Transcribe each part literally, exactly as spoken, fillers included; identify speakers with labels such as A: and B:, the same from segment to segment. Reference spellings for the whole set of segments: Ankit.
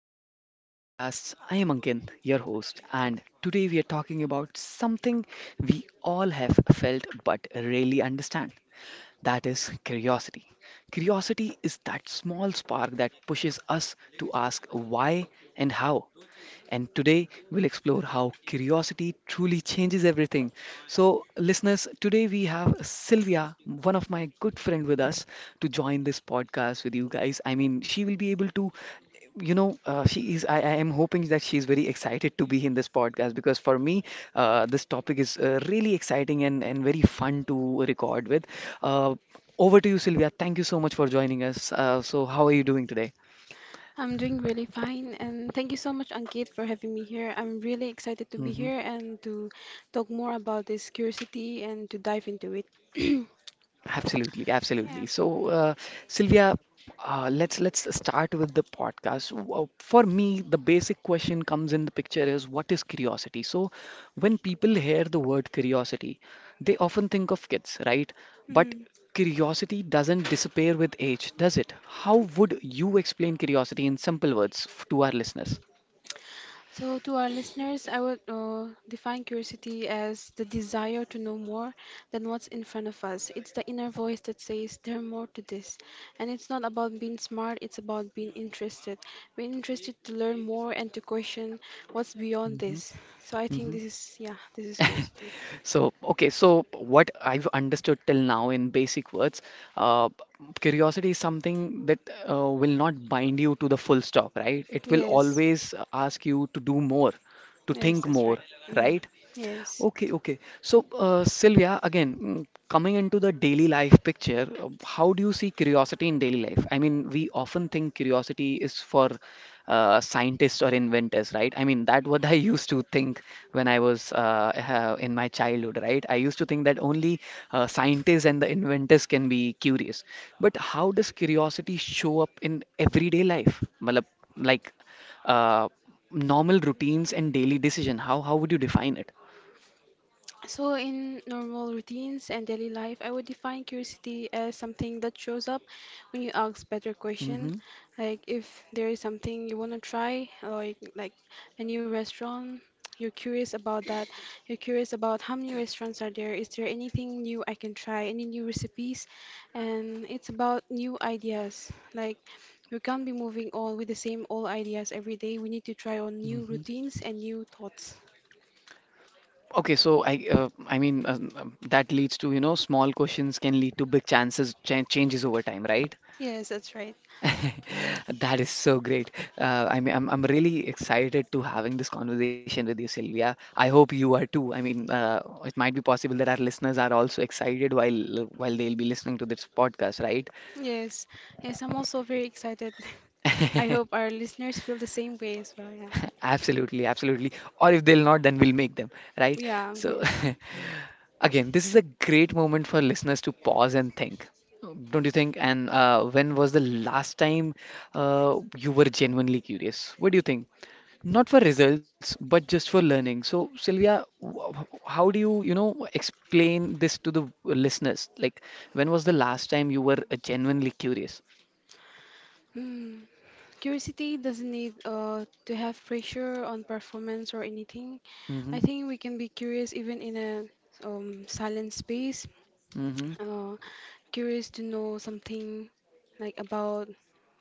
A: to today's podcast. I am Ankin, your host, and today we are talking about something we all have felt but rarely understand. That is curiosity. Curiosity is that small spark that pushes us to ask why and how. And today we'll explore how curiosity truly changes everything. So, listeners, today we have Sylvia, one of my good friend with us, to join this podcast with you guys. I mean, she will be able to, you know, uh, she is. I, I am hoping that she is very excited to be in this podcast because for me, uh, this topic is uh, really exciting and and very fun to record with. Uh, Over to you, Sylvia. Thank you so much for joining us. Uh, so, how are you doing today?
B: I'm doing really fine, and thank you so much, Ankit, for having me here. I'm really excited to be
A: Mm-hmm.
B: here and to talk more about this curiosity and to dive into it.
A: Absolutely,
B: Yeah.
A: absolutely. So, uh, Sylvia, uh, let's let's start with the podcast. Wha- For me, the basic question comes in the picture is what is curiosity? So, when people hear the word curiosity, they often think of kids, right? But
B: Mm.
A: curiosity doesn't disappear with age, does it? How would you explain curiosity in simple words f- to our listeners?
B: So, to our listeners, I would uh, define curiosity as the desire to know more than what's in front of us. It's the inner voice that says, "There's more to this." And it's not about being smart, it's about being interested. We're interested to learn more and to question what's beyond
A: Mm-hmm.
B: this. So, I think this is, yeah, this is curiosity.
A: So, okay, so what I've understood till now in basic words, uh, curiosity is something that uh, will not bind you to the full stop, right? It will
B: Yes,
A: always ask you to do more, to
B: yes,
A: think
B: that's
A: more,
B: right. Mm.
A: right?
B: Yes.
A: Okay, okay. So, uh, Sylvia, again, mm, coming into the daily life picture, uh, how do you see curiosity in daily life? I mean, we often think curiosity is for uh, scientists or inventors, right? I mean, that what I used to think when I was uh, uh, in my childhood, right? I used to think that only uh, scientists and the inventors can be curious. But how does curiosity show up in everyday life? Matlab, like uh, normal routines and daily decision. How how would you define it?
B: So, in normal routines and daily life, I would define curiosity as something that shows up when you ask better question.
A: Mm-hmm.
B: Like if there is something you want to try, like like a new restaurant, you're curious about that. You're curious about how many restaurants are there. Is there anything new I can try? Any new recipes? And it's about new ideas. Like we can't be moving on with the same old ideas every day. We need to try on new
A: Mm-hmm.
B: routines and new thoughts.
A: Okay, so I uh, I mean, um, um, that leads to, you know, small questions can lead to big chances cha changes over time, right?
B: Yes, that's right.
A: That is so great. Uh, I mean, I'm I'm really excited to having this conversation with you, Sylvia. I hope you are too. I mean, uh, it might be possible that our listeners are also excited while while they'll be listening to this podcast, right?
B: Yes, yes, I'm also very excited. I hope our listeners feel the same way as well. Yeah,
A: Absolutely, absolutely. Or if they'll not, then we'll make them, right?
B: yeah,
A: So,
B: yes.
A: again, this is a great moment for listeners to pause and think. Don't you think? And uh, when was the last time uh, you were genuinely curious? What do you think? Not for results, but just for learning. So, Sylvia, wh- wh- how do you, you know, explain this to the listeners? Like, when was the last time you were uh, genuinely curious?
B: Mm. Curiosity doesn't need uh, to have pressure on performance or anything.
A: Mm-hmm,
B: I think we can be curious even in a um, silent space.
A: mm-hmm,
B: Uh, Curious to know something like about,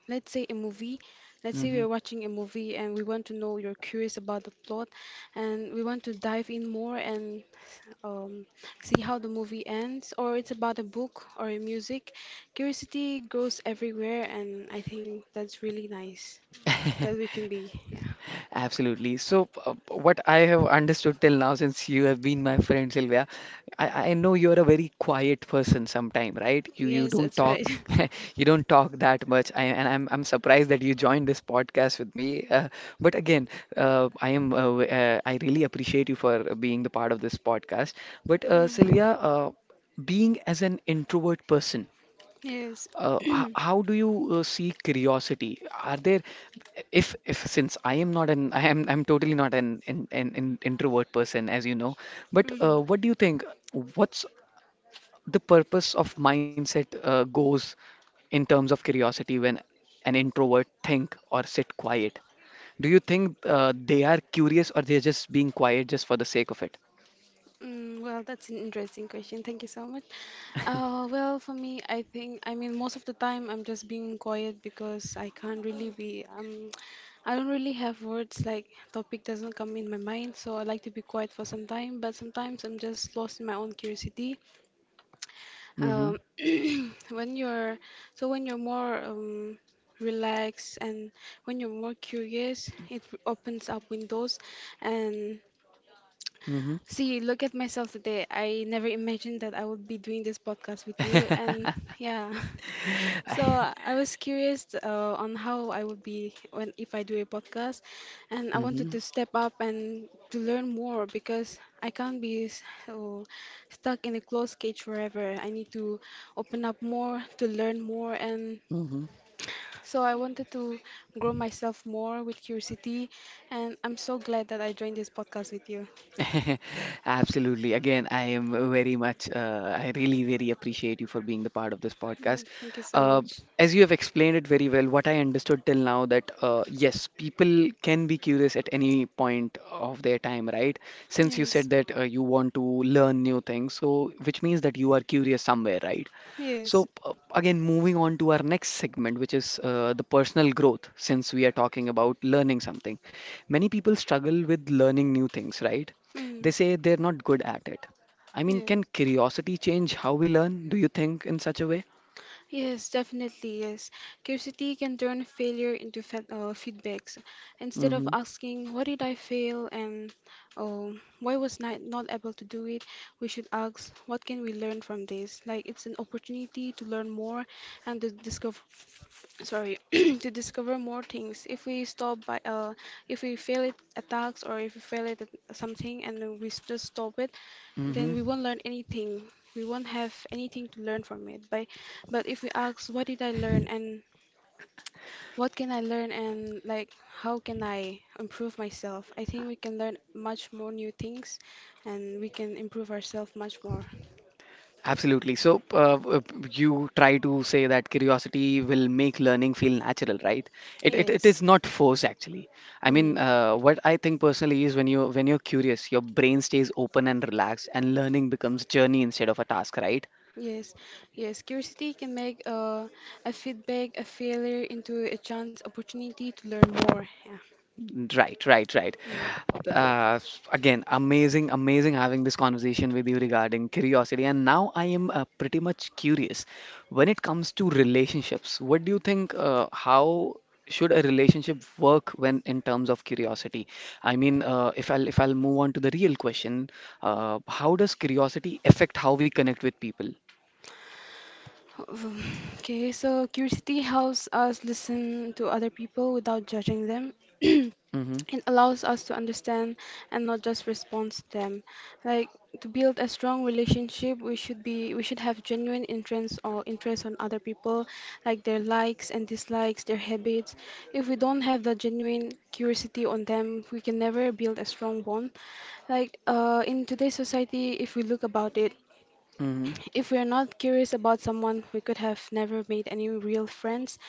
B: let's say, a movie. Let's say
A: mm-hmm.
B: we're watching a movie and we want to know, you're curious about the plot, and we want to dive in more and um, see how the movie ends, or it's about a book or a music, curiosity grows everywhere, and I think that's really nice that we can be. Yeah.
A: Absolutely. So, uh, what I have understood till now, since you have been my friend, Sylvia, I, I know you're a very quiet person sometime, right? You you
B: Yes,
A: don't
B: that's
A: talk,
B: right.
A: you don't talk that much. I, and I'm I'm surprised that you joined this podcast with me. Uh, but again, uh, I am uh, w- uh, I really appreciate you for being the part of this podcast. But uh,
B: Mm,
A: Sylvia, uh, being as an introvert person.
B: yes.
A: Uh, h- how do you uh, see curiosity? Are there, if if since I am not an I am I'm totally not an an, an, an introvert person, as you know, but uh,
B: Mm,
A: what do you think? What's the purpose of mindset uh, goes in terms of curiosity when an introvert think or sit quiet? Do you think uh, they are curious or they're just being quiet just for the sake of it?
B: mm, well, that's an interesting question. Thank you so much. Uh, well, for me, I think, I mean, most of the time I'm just being quiet because I can't really be, um, I don't really have words, like, topic doesn't come in my mind, so I like to be quiet for some time, but sometimes I'm just lost in my own curiosity.
A: Mm-hmm.
B: Um, when you're, so when you're more, um, relaxed and when you're more curious, it opens up windows and see, look at myself today. I never imagined that I would be doing this podcast with you. And
A: Mm-hmm.
B: yeah, so I was curious uh, on how I would be when if I do a podcast, and I wanted
A: Mm-hmm.
B: to step up and to learn more because I can't be so stuck in a closed cage forever. I need to open up more to learn more, and
A: Mm-hmm.
B: so I wanted to grow myself more with curiosity. And I'm so glad that I joined this podcast with you.
A: Absolutely. Again, I am very much, uh, I really, very appreciate you for being the part of this podcast.
B: Mm, thank you so
A: Uh,
B: much.
A: as you have explained it very well, what I understood till now that uh, yes, people can be curious at any point of their time, right? Since you
B: Yes,
A: said that uh, you want to learn new things, so which means that you are curious somewhere, right?
B: yes,
A: So, uh, again, moving on to our next segment, which is uh, the personal growth, since we are talking about learning something. Many people struggle with learning new things, right? They
B: mm,
A: say they're not good at it. I mean, can
B: yes,
A: curiosity change how we learn? Do you think in such a way?
B: yes, definitely, yes. Curiosity can turn failure into fe uh, feedbacks. Instead of
A: Mm-hmm.
B: asking, what did I fail and oh, why was not not able to do it, we should ask, what can we learn from this? Like it's an opportunity to learn more and to discover, sorry, to discover more things. If we stop by, uh, if we fail at attacks or if we fail at something and we s- just stop it,
A: Mm-hmm.
B: then we won't learn anything. We won't have anything to learn from it. But but if we ask, what did I learn and what can I learn and like how can I improve myself? I think we can learn much more new things, and we can improve ourselves much more.
A: Absolutely. So, uh, w- w- you try to say that curiosity will make learning feel natural, right? It, it, it
B: Yes.
A: is not force actually. I
B: Mm.
A: mean, uh, what I think personally is when you when you're curious, your brain stays open and relaxed, and learning becomes journey instead of a task, right?
B: Yes, yes. Curiosity can make uh, a feedback, a failure into a chance opportunity to learn more. Yeah.
A: Right, right, right.
B: Mm.
A: Uh, s- again, amazing, amazing having this conversation with you regarding curiosity. And now I am uh, pretty much curious when it comes to relationships. What do you think? Uh, how should a relationship work when in terms of curiosity? I mean, uh, if I'll if I'll move on to the real question, uh, how does curiosity affect how we connect with people?
B: Um, Okay, so curiosity helps us listen to other people without judging them.
A: Mm-hmm,
B: It allows us to understand and not just respond to them. Like to build a strong relationship, we should be we should have genuine interest or interest on other people, like their likes and dislikes, their habits. If we don't have the genuine curiosity on them, we can never build a strong bond. Like uh, in today's society, if we look about it,
A: mm-hmm,
B: if we are not curious about someone, we could have never made any real friends.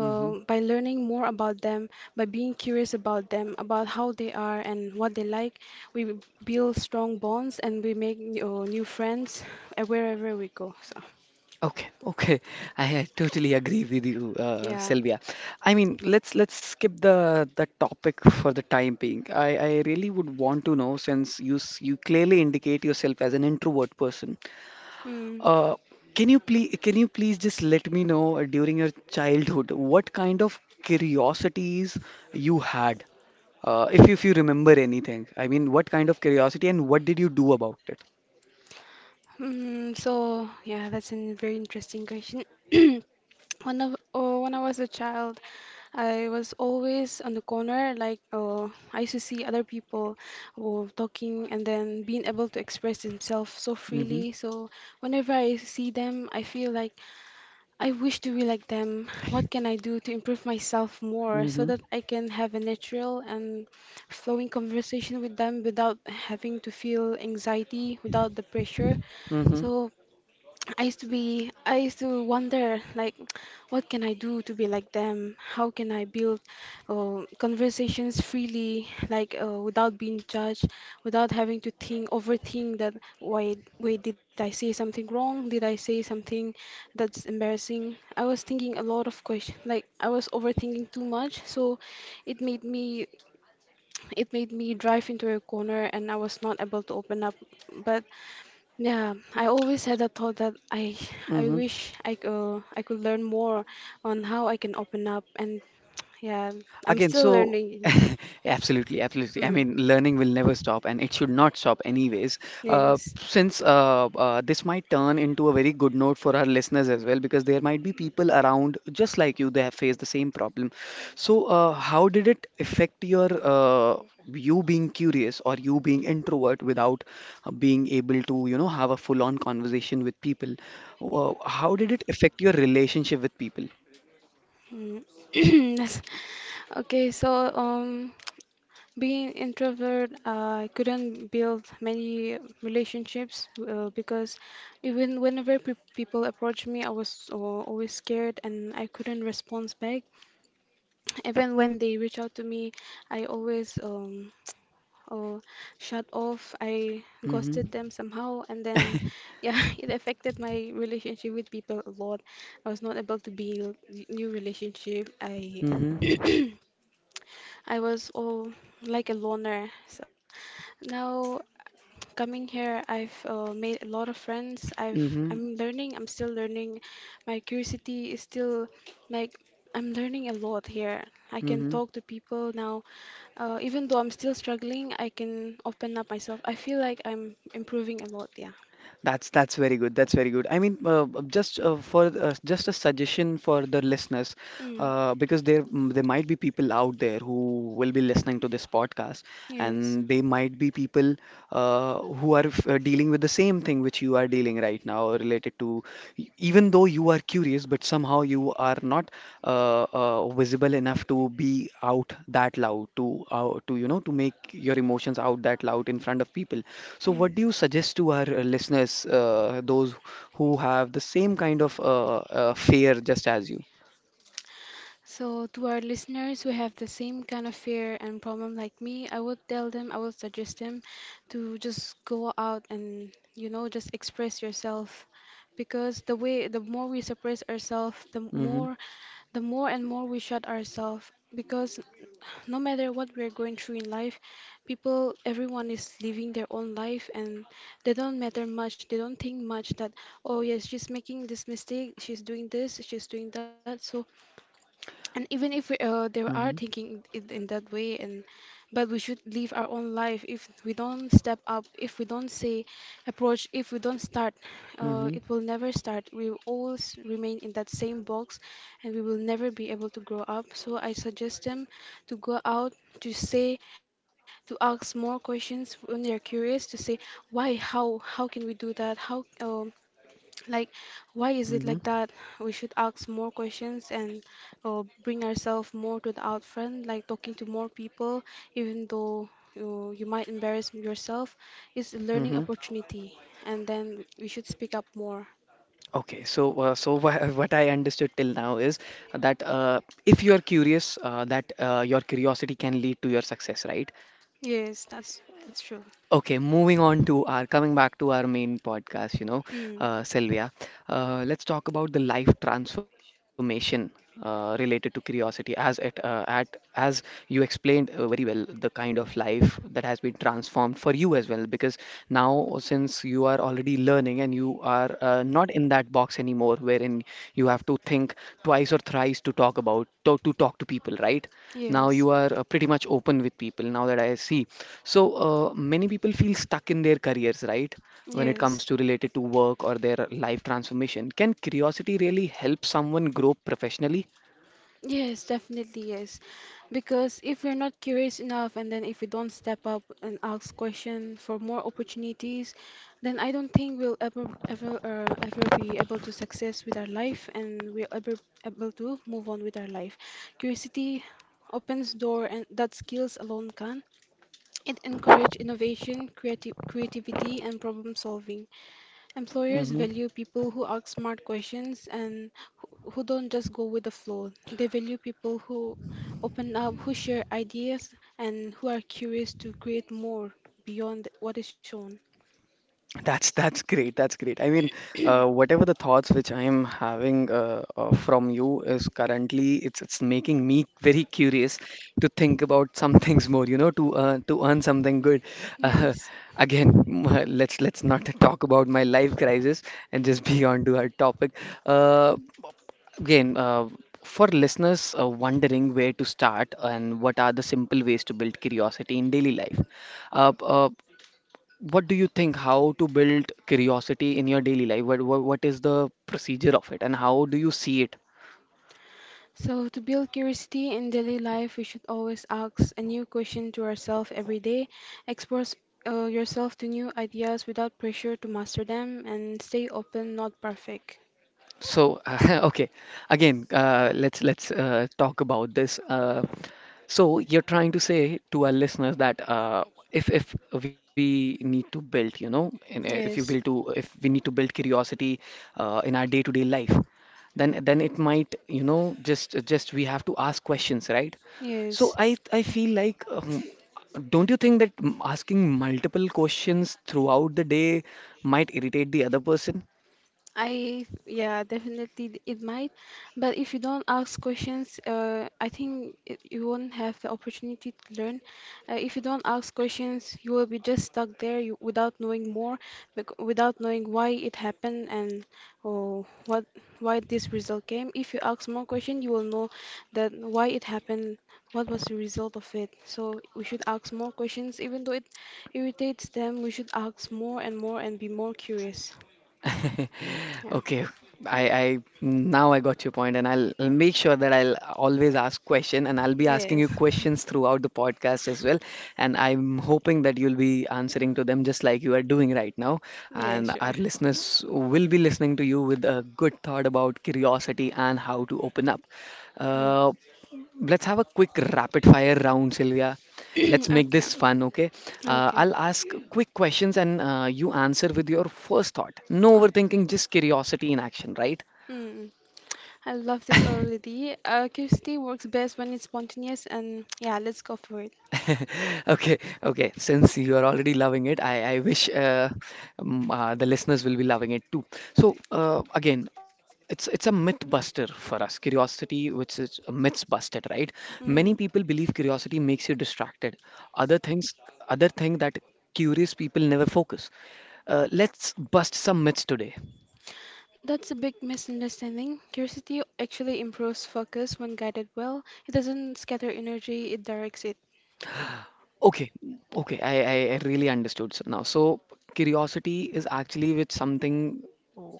A: mm-hmm.
B: by learning more about them, by being curious about them, about how they are and what they like, we b- build strong bonds and we make uh, new friends uh, wherever we go. So,
A: Okay, okay. I uh, totally agree with you, uh,
B: yeah.
A: Sylvia. I mean, let's let's skip the the topic for the time being. I, I really would want to know since you s- you clearly indicate yourself as an introvert person.
B: Mm.
A: Uh, can you please can you please just let me know uh, during your childhood what kind of curiosities you had, uh, if you, if you remember anything. I mean, what kind of curiosity and what did you do about it?
B: Mm, so, yeah, that's a very interesting question. When I, oh, when I was a child, I was always on the corner, like uh, I used to see other people who talking and then being able to express themselves so
A: Mm-hmm.
B: freely. So whenever I see them, I feel like I wish to be like them. What can I do to improve myself more so
A: Mm-hmm.
B: that I can have a natural and flowing conversation with them without having to feel anxiety, without the pressure?
A: Mm-hmm.
B: So I used to be, I used to wonder, like, what can I do to be like them? How can I build uh, conversations freely, like, uh, without being judged, without having to think, overthink that, why, wait, did I say something wrong? Did I say something that's embarrassing? I was thinking a lot of questions, like, I was overthinking too much, so it made me, it made me drive into a corner, and I was not able to open up. But yeah, I always had a thought that I I
A: Mm-hmm.
B: wish I could, I could learn more on how I can open up and yeah, I'm
A: Again,
B: still
A: so
B: learning.
A: absolutely, absolutely. I
B: Mm,
A: mean, learning will never stop, and it should not stop, anyways. Uh,
B: yes.
A: since uh, uh, this might turn into a very good note for our listeners as well, because there might be people around just like you, they have faced the same problem. So, uh, how did it affect your uh, you being curious or you being introvert without uh, being able to, you know, have a full-on conversation with people? Uh, how did it affect your relationship with people?
B: Mm. That's- Okay, so um being introvert, I couldn't build many relationships uh, because even whenever pe people approached me, I was uh, always scared and I couldn't respond back. Even when they reach out to me, I always um Or shut off. I
A: Mm-hmm.
B: ghosted them somehow, and then, yeah, it affected my relationship with people a lot. I was not able to build new relationship. I
A: Mm-hmm.
B: I was all like a loner. So now coming here, I've uh, made a lot of friends. I've
A: Mm-hmm.
B: I'm learning. I'm still learning. My curiosity is still like I'm learning a lot here. I can
A: Hmm.
B: talk to people now. Uh, even though I'm still struggling, I can open up myself. I feel like I'm improving a lot. Yeah.
A: That's that's very good. That's very good. I mean, uh, uh, just uh, for uh, just a suggestion for the listeners,
B: Mm.
A: uh, because there mm, there might be people out there who will be listening to this podcast,
B: Yes.
A: and they might be people uh, who are f- uh, dealing with the same thing which you are dealing right now, related to even though you are curious, but somehow you are not uh, uh, visible enough to be out that loud, to uh, to you know, to make your emotions out that loud in front of people. So, what do you
B: Yes.
A: suggest to our uh, listeners, uh, those who have the same kind of uh, uh, fear just as you?
B: So, to our listeners who have the same kind of fear and problem like me, I would tell them, I would suggest them to just go out and, you know, just express yourself. Because the way, the more we suppress ourselves, the
A: Mm-hmm,
B: more, the more and more we shut ourselves. Because no matter what we're going through in life, people, everyone is living their own life and they don't matter much. They don't think much that, oh, yes, she's making this mistake, she's doing this, she's doing that. So, and even if we, uh, they are
A: mm-hmm,
B: thinking it in that way and but we should live our own life. If we don't step up, if we don't say approach, if we don't start, uh,
A: mm-hmm,
B: it will never start. We will always remain in that same box, and we will never be able to grow up. So I suggest them to go out, to say, to ask more questions when they're curious, to say why, how how can we do that, how um, like, why is it
A: mm-hmm,
B: like that? We should ask more questions and uh, bring ourselves more to the out front, like talking to more people, even though you, you might embarrass yourself, is a
A: mm-hmm.
B: learning opportunity. And then we should speak up more.
A: Okay, so uh, so wha- what I understood till now is that uh, if you are curious, uh, that uh, your curiosity can lead to your success, right?
B: Yes, that's that's true.
A: Okay, moving on to our coming back to our main podcast, you know,
B: Hmm.
A: uh, Sylvia. Uh, let's talk about the life transformation uh, related to curiosity. As it uh, at as you explained uh, very well, the kind of life that has been transformed for you as well. Because now, since you are already learning and you are uh, uh, not in that box anymore wherein you have to think twice or thrice to talk about to, to talk to people, right? Now
B: Yes.
A: you are uh, pretty much open with people, now that I see. So uh, many people feel stuck in their careers, right? When it comes
B: Yes.
A: to related to work or their life transformation, can curiosity really help someone grow professionally?
B: Yes, definitely yes. Because if we're not curious enough and then if we don't step up and ask questions for more opportunities, then I don't think we'll ever ever uh, ever be able to success with our life and we'll ever able to move on with our life. Curiosity opens door and that skills alone can. It encourage innovation, creative creativity and problem solving. Employers
A: Hmm.
B: value people who ask smart questions and who who don't just go with the flow. They value people who open up, who share ideas, and who are curious to create more beyond what is shown.
A: That's that's great. That's great. I mean, uh, whatever the thoughts which I am having uh, uh, from you is currently it's it's making me very curious to think about some things more. You know, to uh, to earn something good. Uh,
B: Yes.
A: Again, m- uh, let's let's not talk about my life crisis and just be on to our topic. Uh, Again, uh, for listeners uh, wondering where to start and what are the simple ways to build curiosity in daily life. Uh, uh, what do you think how to build curiosity in your daily life? What, what what is the procedure of it and how do you see it?
B: So, to build curiosity in daily life, we should always ask a new question to ourselves every day, expose uh, yourself to new ideas without pressure to master them, and stay open, not perfect.
A: So okay, again, uh, let's let's uh, talk about this. Uh, so you're trying to say to our listeners that uh, if if we need to build, you know, and if you build to
B: Yes.
A: if we need to build curiosity uh, in our day-to-day life, then then it might, you know, just just we have to ask questions, right? So
B: Yes.
A: I I feel like um, don't you think that m- asking multiple questions throughout the day might irritate the other person?
B: I Yeah, definitely it might, but if you don't ask questions, uh, I think it, you won't have the opportunity to learn. Uh, if you don't ask questions, you will be just stuck there you, without knowing more, bec- without knowing why it happened and oh, what why this result came. If you ask more questions, you will know that why it happened, what was the result of it. So we should ask more questions, even though it irritates them. We should ask more and more and be more curious. Yeah.
A: Okay, I, I now I got your point, and I'll, I'll make sure that I'll always ask question, and I'll be asking you
B: Yes.
A: questions throughout the podcast as well. And I'm hoping that you'll be answering to them just like you are doing right now.
B: Yeah,
A: And our
B: sure.
A: listeners will be listening to you with a good thought about curiosity and how to open up.
B: Mm.
A: Uh, let's have a quick rapid fire round, Sylvia. Let's make
B: Okay.
A: this fun, okay? Uh,
B: Okay.
A: I'll ask quick questions and uh, you answer with your first thought. No
B: Uh,
A: overthinking, just curiosity in action, right?
B: mm. I love this already. Uh, curiosity works best when it's spontaneous, and yeah, let's go for it.
A: Okay, okay. Since you are already loving it, I, I wish uh, um, uh, the listeners will be loving it too. So uh, again, it's it's a myth buster for us. Curiosity, which is a myth busted, right? Many
B: Hmm.
A: people believe curiosity makes you distracted. Other things, other thing that curious people never focus. Uh, let's bust some myths today.
B: That's a big misunderstanding. Curiosity actually improves focus when guided well. It doesn't scatter energy, it directs it.
A: Okay, okay, I, I, I really understood so now. So curiosity is actually with something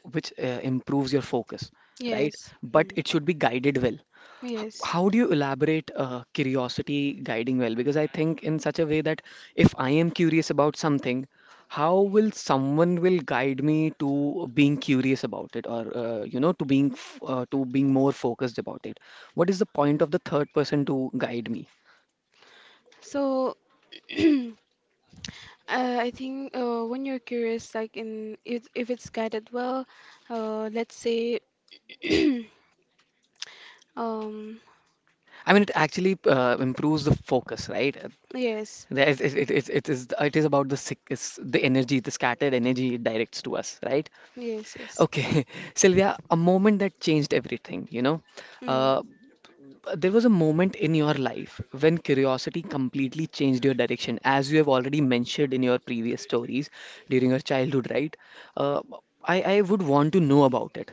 A: which uh, improves your focus, right?
B: Yes.
A: But
B: Mm.
A: it should be guided well. H-
B: Yes.
A: How do you elaborate uh, curiosity guiding well? Because I think in such a way that if I am curious about something, how will someone will guide me to being curious about it, or uh, you know, to being f- uh, to being more focused about it? What is the point of the third person to guide me?
B: So, uh, I think uh, when you're curious, like in if, if it's guided well, uh, let's say. Um,
A: I mean, it actually uh, improves the focus, right? Uh,
B: yes,
A: there is- It, it, it, it is it is about the sick, is the energy, the scattered energy it directs to us, right?
B: yes, yes.
A: Okay, Sylvia, a moment that changed everything, you know.
B: Mm.
A: Uh, there was a moment in your life when curiosity completely changed your direction, as you have already mentioned in your previous stories during your childhood, right? Uh, I, I would want to know about it.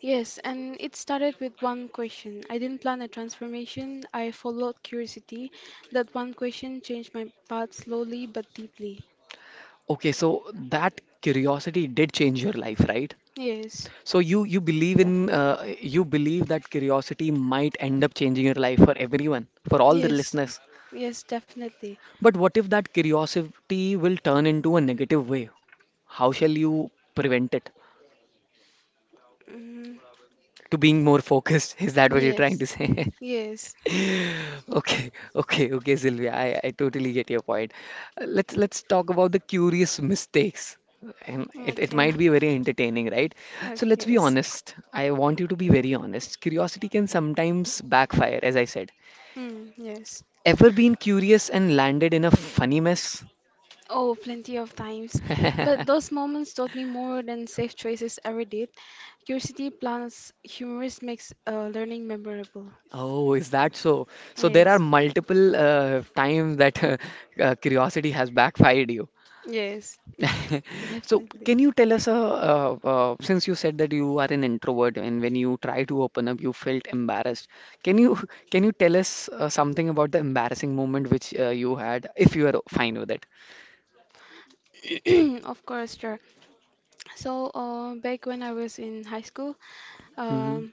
B: Yes, and it started with one question. I didn't plan a transformation, I followed curiosity. That one question changed my path slowly but deeply.
A: Okay, so that curiosity did change your life, right?
B: Yes,
A: So you you believe in
B: definitely.
A: uh, you believe that curiosity might end up changing your life for everyone, for all the
B: Yes,
A: listeners.
B: yes, definitely.
A: But what if that curiosity will turn into a negative way? How shall you prevent it?
B: Mm,
A: To being more focused, is that what you're trying
B: yes,
A: to say?
B: yes.
A: Okay, okay, okay, Sylvia. I, I totally get your point. Uh, Let's let's talk about the curious mistakes. And it, it
B: Okay,
A: might be very entertaining, right?
B: okay,
A: So let's be
B: yes.
A: honest. I want you to be very honest. Curiosity can sometimes backfire, as I said.
B: Mm, yes.
A: Ever been curious and landed in a funny mess?
B: Oh, plenty of times. But those moments taught me more than safe choices ever did. Curiosity plus humorous makes uh, learning memorable.
A: Oh, is that so? So there
B: Yes,
A: are multiple uh, times that uh, curiosity has backfired you.
B: yes,
A: So,
B: definitely.
A: can you tell us, uh, uh, uh, since you said that you are an introvert and when you try to open up, you felt embarrassed. Can you can you tell us uh, something about the embarrassing moment which uh, you had, if you are fine with it?
B: Of course, sure. So, uh, back when I was in high school,
A: Mm-hmm.
B: um,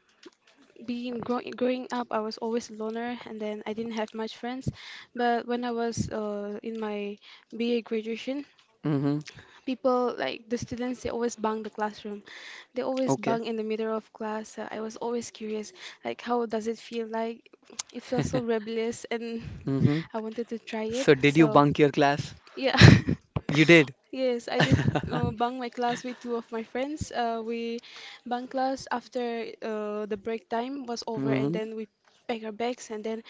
B: being grow growing up, I was always a loner, and then I didn't have much friends. But when I was uh, in my B A graduation,
A: Mm-hmm.
B: people like the students they always bang the classroom they always
A: Okay.
B: bang in the middle of class. Uh, I was always curious like how does it feel like. It feels so rebellious and
A: Mm-hmm.
B: I wanted to try it
A: So, did you
B: so
A: bunk your class?
B: yeah.
A: You did.
B: Yes I did uh, bang my class with two of my friends. Uh, we bang class after uh, the break time was over and
A: Mm-hmm.
B: then we pack our bags and then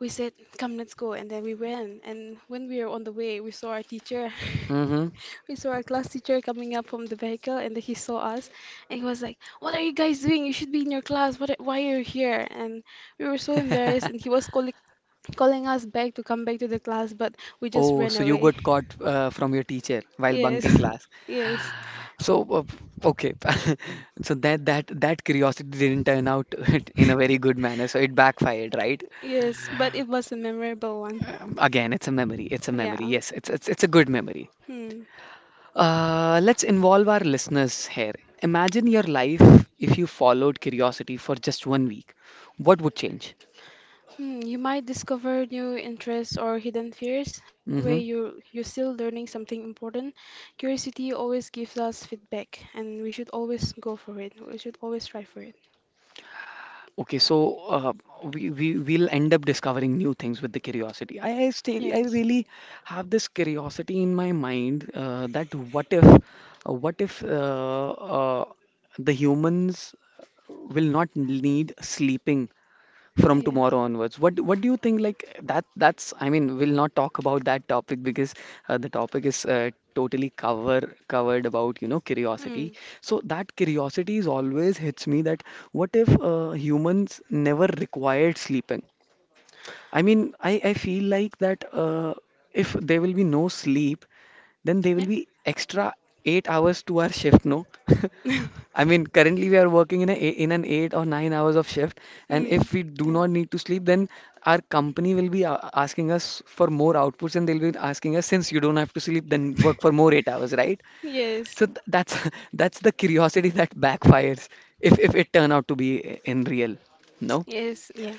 B: we said, come, let's go. And then we went. And when we were on the way, we saw our teacher.
A: Mm-hmm.
B: We saw our class teacher coming up from the vehicle and then he saw us and he was like, what are you guys doing? You should be in your class. What, are- why are you here? And we were so embarrassed and he was calling calling us back to come back to the class, but we just
A: Oh,
B: ran
A: so you
B: away.
A: got caught uh, from your teacher while
B: Yes,
A: bunking class.
B: yes,
A: So uh, okay, so that that that curiosity didn't turn out in a very good manner, so it backfired, right?
B: yes, but it was a memorable one.
A: Um, Again, it's a memory. It's a memory.
B: Yeah.
A: Yes, it's it's it's a good memory.
B: Hmm.
A: Uh, let's involve our listeners here. Imagine your life if you followed curiosity for just one week. What would change?
B: Hmm, you might discover new interests or hidden fears. Either way,
A: Mm-hmm.
B: you you're still learning something important. Curiosity always gives us feedback, and we should always go for it. We should always try for it.
A: Okay, so uh, we, we we'll end up discovering new things with the curiosity. I, I stay, I
B: Yes.
A: really have this curiosity in my mind uh, that what if, uh, what if uh, uh, the humans will not need sleeping from
B: Yeah.
A: tomorrow onwards. what what do you think like that that's I mean we'll not talk about that topic because uh, the topic is uh, totally cover covered about you know curiosity
B: Mm.
A: so that curiosity is always hits me that what if uh, humans never required sleeping. I mean, I, I feel like that uh, if there will be no sleep, then there will
B: Yeah.
A: be extra eight hours to our shift, no? I mean, currently we are working in a in an eight or nine hours of shift, and
B: mm.
A: if we do
B: Yeah.
A: not need to sleep, then our company will be a- asking us for more outputs, and they'll be asking us, since you don't have to sleep, then work for more eight hours, right?
B: Yes.
A: So th that's that's the curiosity that backfires if if it turn out to be in real, no?
B: Yes. Yeah.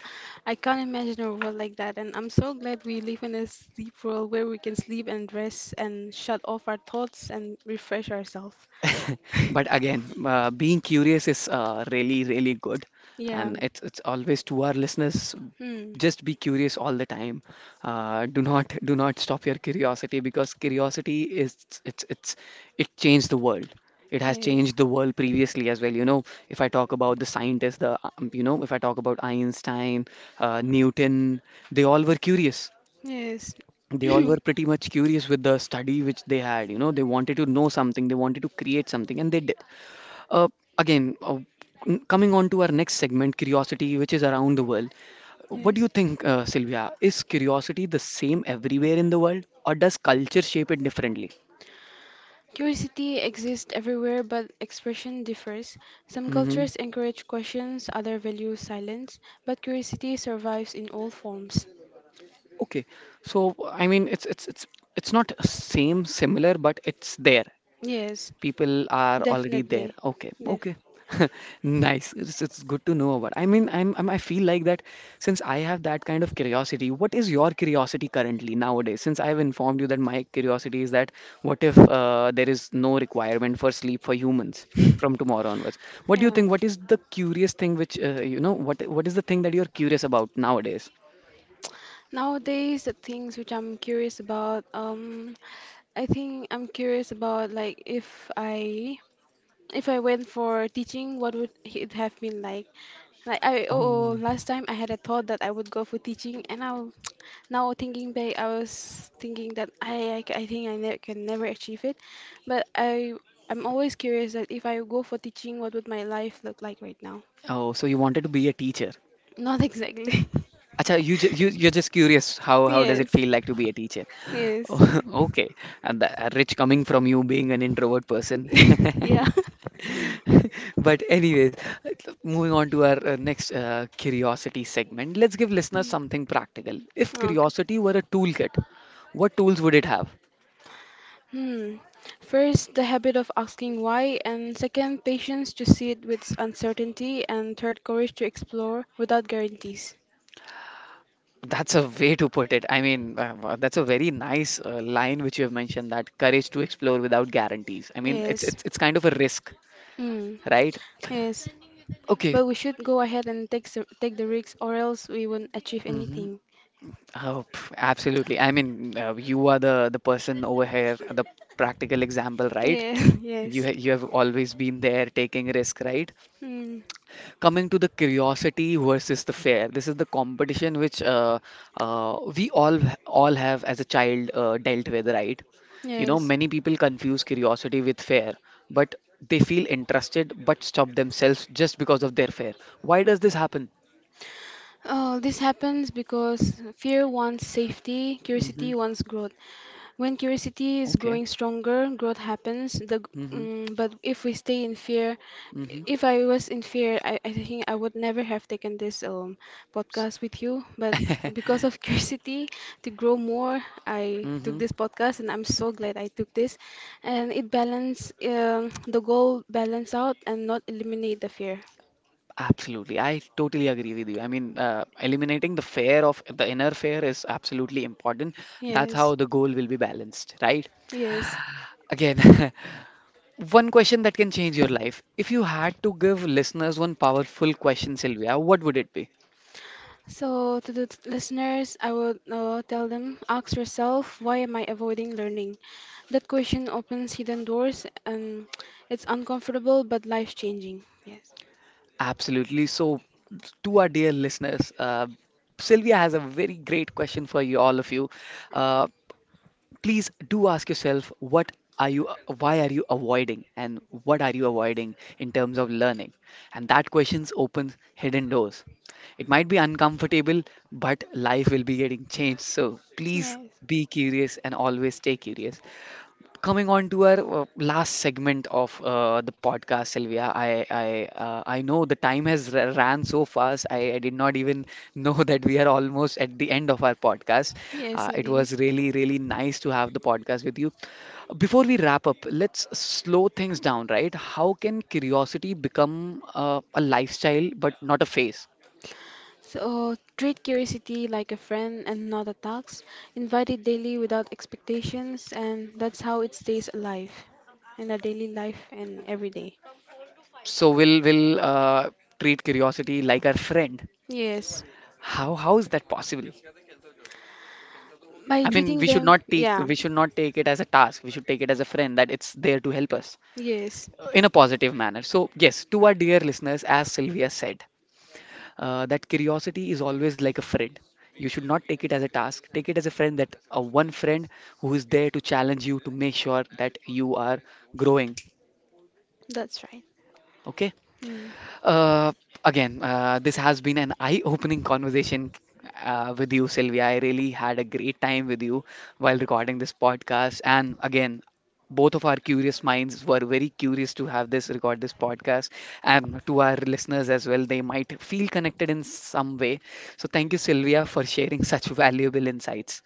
B: I can't imagine a world like that, and I'm so glad we live in a sleep world where we can sleep and rest and shut off our thoughts and refresh ourselves.
A: But again, uh, being curious is uh, really, really good.
B: Yeah.
A: And it's, it's always to our listeners,
B: Hmm.
A: just be curious all the time. Uh, do not do not stop your curiosity because curiosity is it's it's it changed the world. It has
B: Yes.
A: changed the world previously as well. You know, if I talk about the scientists, the um, you know, if I talk about Einstein, uh, Newton, they all were curious,
B: Yes.
A: they all were pretty much curious with the study which they had. You know, they wanted to know something, they wanted to create something, and they did. uh, again, uh, n- Coming on to our next segment, curiosity, which is around the world. What do
B: Yes.
A: you think, uh, Sylvia? Is curiosity the same everywhere in the world, or does culture shape it differently?
B: Curiosity exists everywhere, but expression differs. Some
A: Hmm.
B: cultures encourage questions, others value silence, but curiosity survives in all forms.
A: Okay, so I mean, it's it's it's it's not same similar, but it's there.
B: Yes,
A: People are already there.
B: definitely.
A: Okay,
B: Def-
A: okay. Nice. It's, it's good to know about. I mean, I'm, I'm I feel like that since I have that kind of curiosity. What is your curiosity currently nowadays? Since I have informed you that my curiosity is that what if uh, there is no requirement for sleep for humans from tomorrow onwards? What do you
B: yeah.
A: think? What is the curious thing which uh, you know? What what is the thing that you're curious about nowadays?
B: Nowadays, the things which I'm curious about, um, I think I'm curious about like if I if I went for teaching, what would it have been like? Like I oh, oh,
A: Oh,
B: last time I had a thought that I would go for teaching, and I now thinking back, I was thinking that I I, c- I think I ne can never achieve it, but I I'm always curious that if I go for teaching, what would my life look like right now?
A: oh. So you wanted to be a teacher?
B: Not exactly.
A: Acha, you ju- you you're just curious how how does it
B: Yes,
A: feel like to be a teacher?
B: yes,
A: Oh, okay, and that, Rich, coming from you being an introvert person.
B: yeah.
A: But anyways, moving on to our uh, next uh, curiosity segment, let's give listeners
B: Mm,
A: something practical. If
B: okay.
A: curiosity were a toolkit, what tools would it have?
B: Hmm. First, the habit of asking why, and second, patience to see it with uncertainty, and third, courage to explore without guarantees.
A: That's a way to put it. I mean, uh, uh, that's a very nice uh, line which you have mentioned that courage to explore without guarantees. I mean, it's
B: Yes.
A: it's it's kind of a risk,
B: Hmm.
A: right?
B: Yes.
A: Okay,
B: But we should go ahead and take s- take the risks, or else we won't achieve
A: hmm.
B: anything.
A: Oh, pff, absolutely. I mean, uh, you are the the person over here, the practical example, right?
B: Yeah,
A: You
B: yes.
A: ha you have always been there taking risk, right?
B: Mm,
A: Coming to the curiosity versus the fear. This is the competition which uh, uh, we all all have as a child uh, dealt with, right? You know,
B: yes.
A: many people confuse curiosity with fear, but they feel interested but stop themselves just because of their fear. Why does this happen?
B: Oh, this happens because fear wants safety,
A: Mm-hmm.
B: curiosity wants growth. When curiosity is
A: Okay.
B: growing stronger, growth happens. The g-
A: Mm-hmm.
B: mm, but if we stay in fear,
A: Mm-hmm.
B: if I was in fear, I, I think I would never have taken this um podcast with you. But because of curiosity to grow more, I took
A: Hmm.
B: this podcast, and I'm so glad I took this. And it balance um, the goal balance out and not eliminate the fear.
A: Absolutely. I totally agree with you. I mean, uh, eliminating the fear of the inner fear is absolutely important. That's how
B: Yes,
A: the goal will be balanced, right?
B: yes.
A: Again, one question that can change your life. If you had to give listeners one powerful question, Sylvia, what would it be?
B: So, to the t- listeners, I would uh, tell them ask yourself, why am I avoiding learning? That question opens hidden doors and it's uncomfortable but life changing. Yes.
A: Absolutely. So, to our dear listeners, uh, Sylvia has a very great question for you, all of you. Uh, Please do ask yourself what are you why are you avoiding and what are you avoiding in terms of learning, and that questions opens hidden doors. It might be uncomfortable, but life will be getting changed, so please
B: Yes.
A: be curious and always stay curious. Coming on to our uh, last segment of uh, the podcast, Sylvia, I I uh, I know the time has r ran so fast. I, I did not even know that we are almost at the end of our podcast.
B: Yes,
A: Uh, it
B: indeed.
A: was really really nice to have the podcast with you. Before we wrap up, let's slow things down, right? How can curiosity become uh, a lifestyle but not a phase?
B: So, treat curiosity like a friend and not a tax. Invite it daily without expectations, and that's how it stays alive in our daily life and every day.
A: So we'll we'll uh, treat curiosity like our friend.
B: Yes.
A: How how is that possible?
B: By
A: I mean,
B: treating
A: we should
B: them,
A: not take
B: yeah.
A: we should not take it as a task. We should take it as a friend that it's there to help us
B: Yes,
A: uh, in a positive manner. So yes, to our dear listeners, as Sylvia said, uh, that curiosity is always like a friend. You should not take it as a task. Take it as a friend that uh, one friend who is there to challenge you to make sure that you are growing.
B: that's right.
A: Okay.
B: Hmm.
A: Uh, again, uh, this has been an eye-opening conversation uh, with you, Sylvia. I really had a great time with you while recording this podcast. And again, both of our curious minds were very curious to have this record this podcast. And to our listeners as well, they might feel connected in some way. So thank you, Sylvia, for sharing such valuable insights.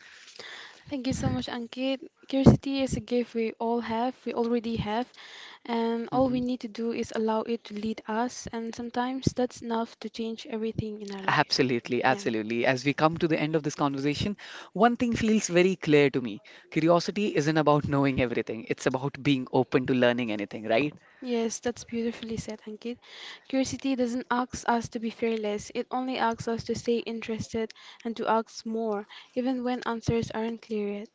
B: Thank you so much, Ankit. Curiosity is a gift we all have, we already have, and
A: Mhm.
B: all we need to do is allow it to lead us, and sometimes that's enough to change everything in our life.
A: Absolutely,
B: Yeah.
A: absolutely. As we come to the end of this conversation, one thing feels very clear to me. Curiosity isn't about knowing everything, it's about being open to learning anything, right?
B: Yes, that's beautifully said, Ankit. Curiosity doesn't ask us to be fearless, it only asks us to stay interested and to ask more, even when answers aren't clear yet.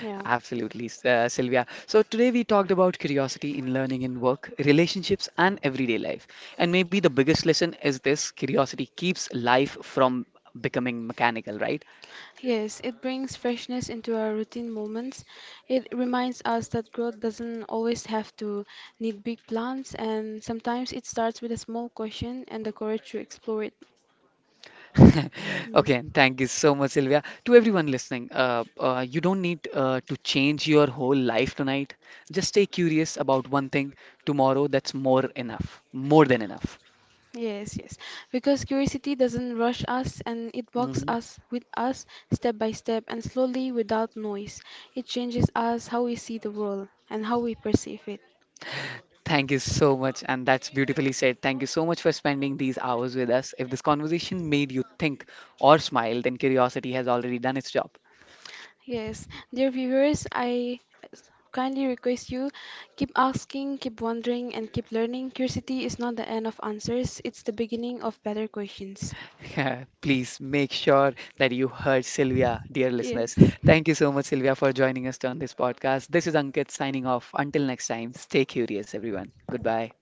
B: Yeah.
A: Absolutely, S- uh, Sylvia. So, today we talked about curiosity in learning in work, relationships, and everyday life. And maybe the biggest lesson is this: curiosity keeps life from becoming mechanical, right?
B: Yes, it brings freshness into our routine moments. It reminds us that growth doesn't always have to need big plans, and sometimes it starts with a small question and the courage to explore it. Mm,
A: Okay, thank you so much, Sylvia. To everyone listening, uh, uh, you don't need uh, to change your whole life tonight. Just stay curious about one thing tomorrow. That's more enough, more than enough.
B: yes, yes. Because curiosity doesn't rush us and it walks
A: Hmm.
B: us with us step by step and slowly without noise. It changes us how we see the world and how we perceive it.
A: Thank you so much, and that's beautifully said. Thank you so much for spending these hours with us. If this conversation made you think or smile, then curiosity has already done its job.
B: Yes, dear viewers, I kindly request you keep asking, keep wondering, and keep learning. Curiosity is not the end of answers, it's the beginning of better questions.
A: Please make sure that you heard Sylvia, dear listeners.
B: Yes.
A: Thank you so much, Sylvia, for joining us on this podcast. This is Ankit signing off. Until next time, stay curious, everyone. Goodbye.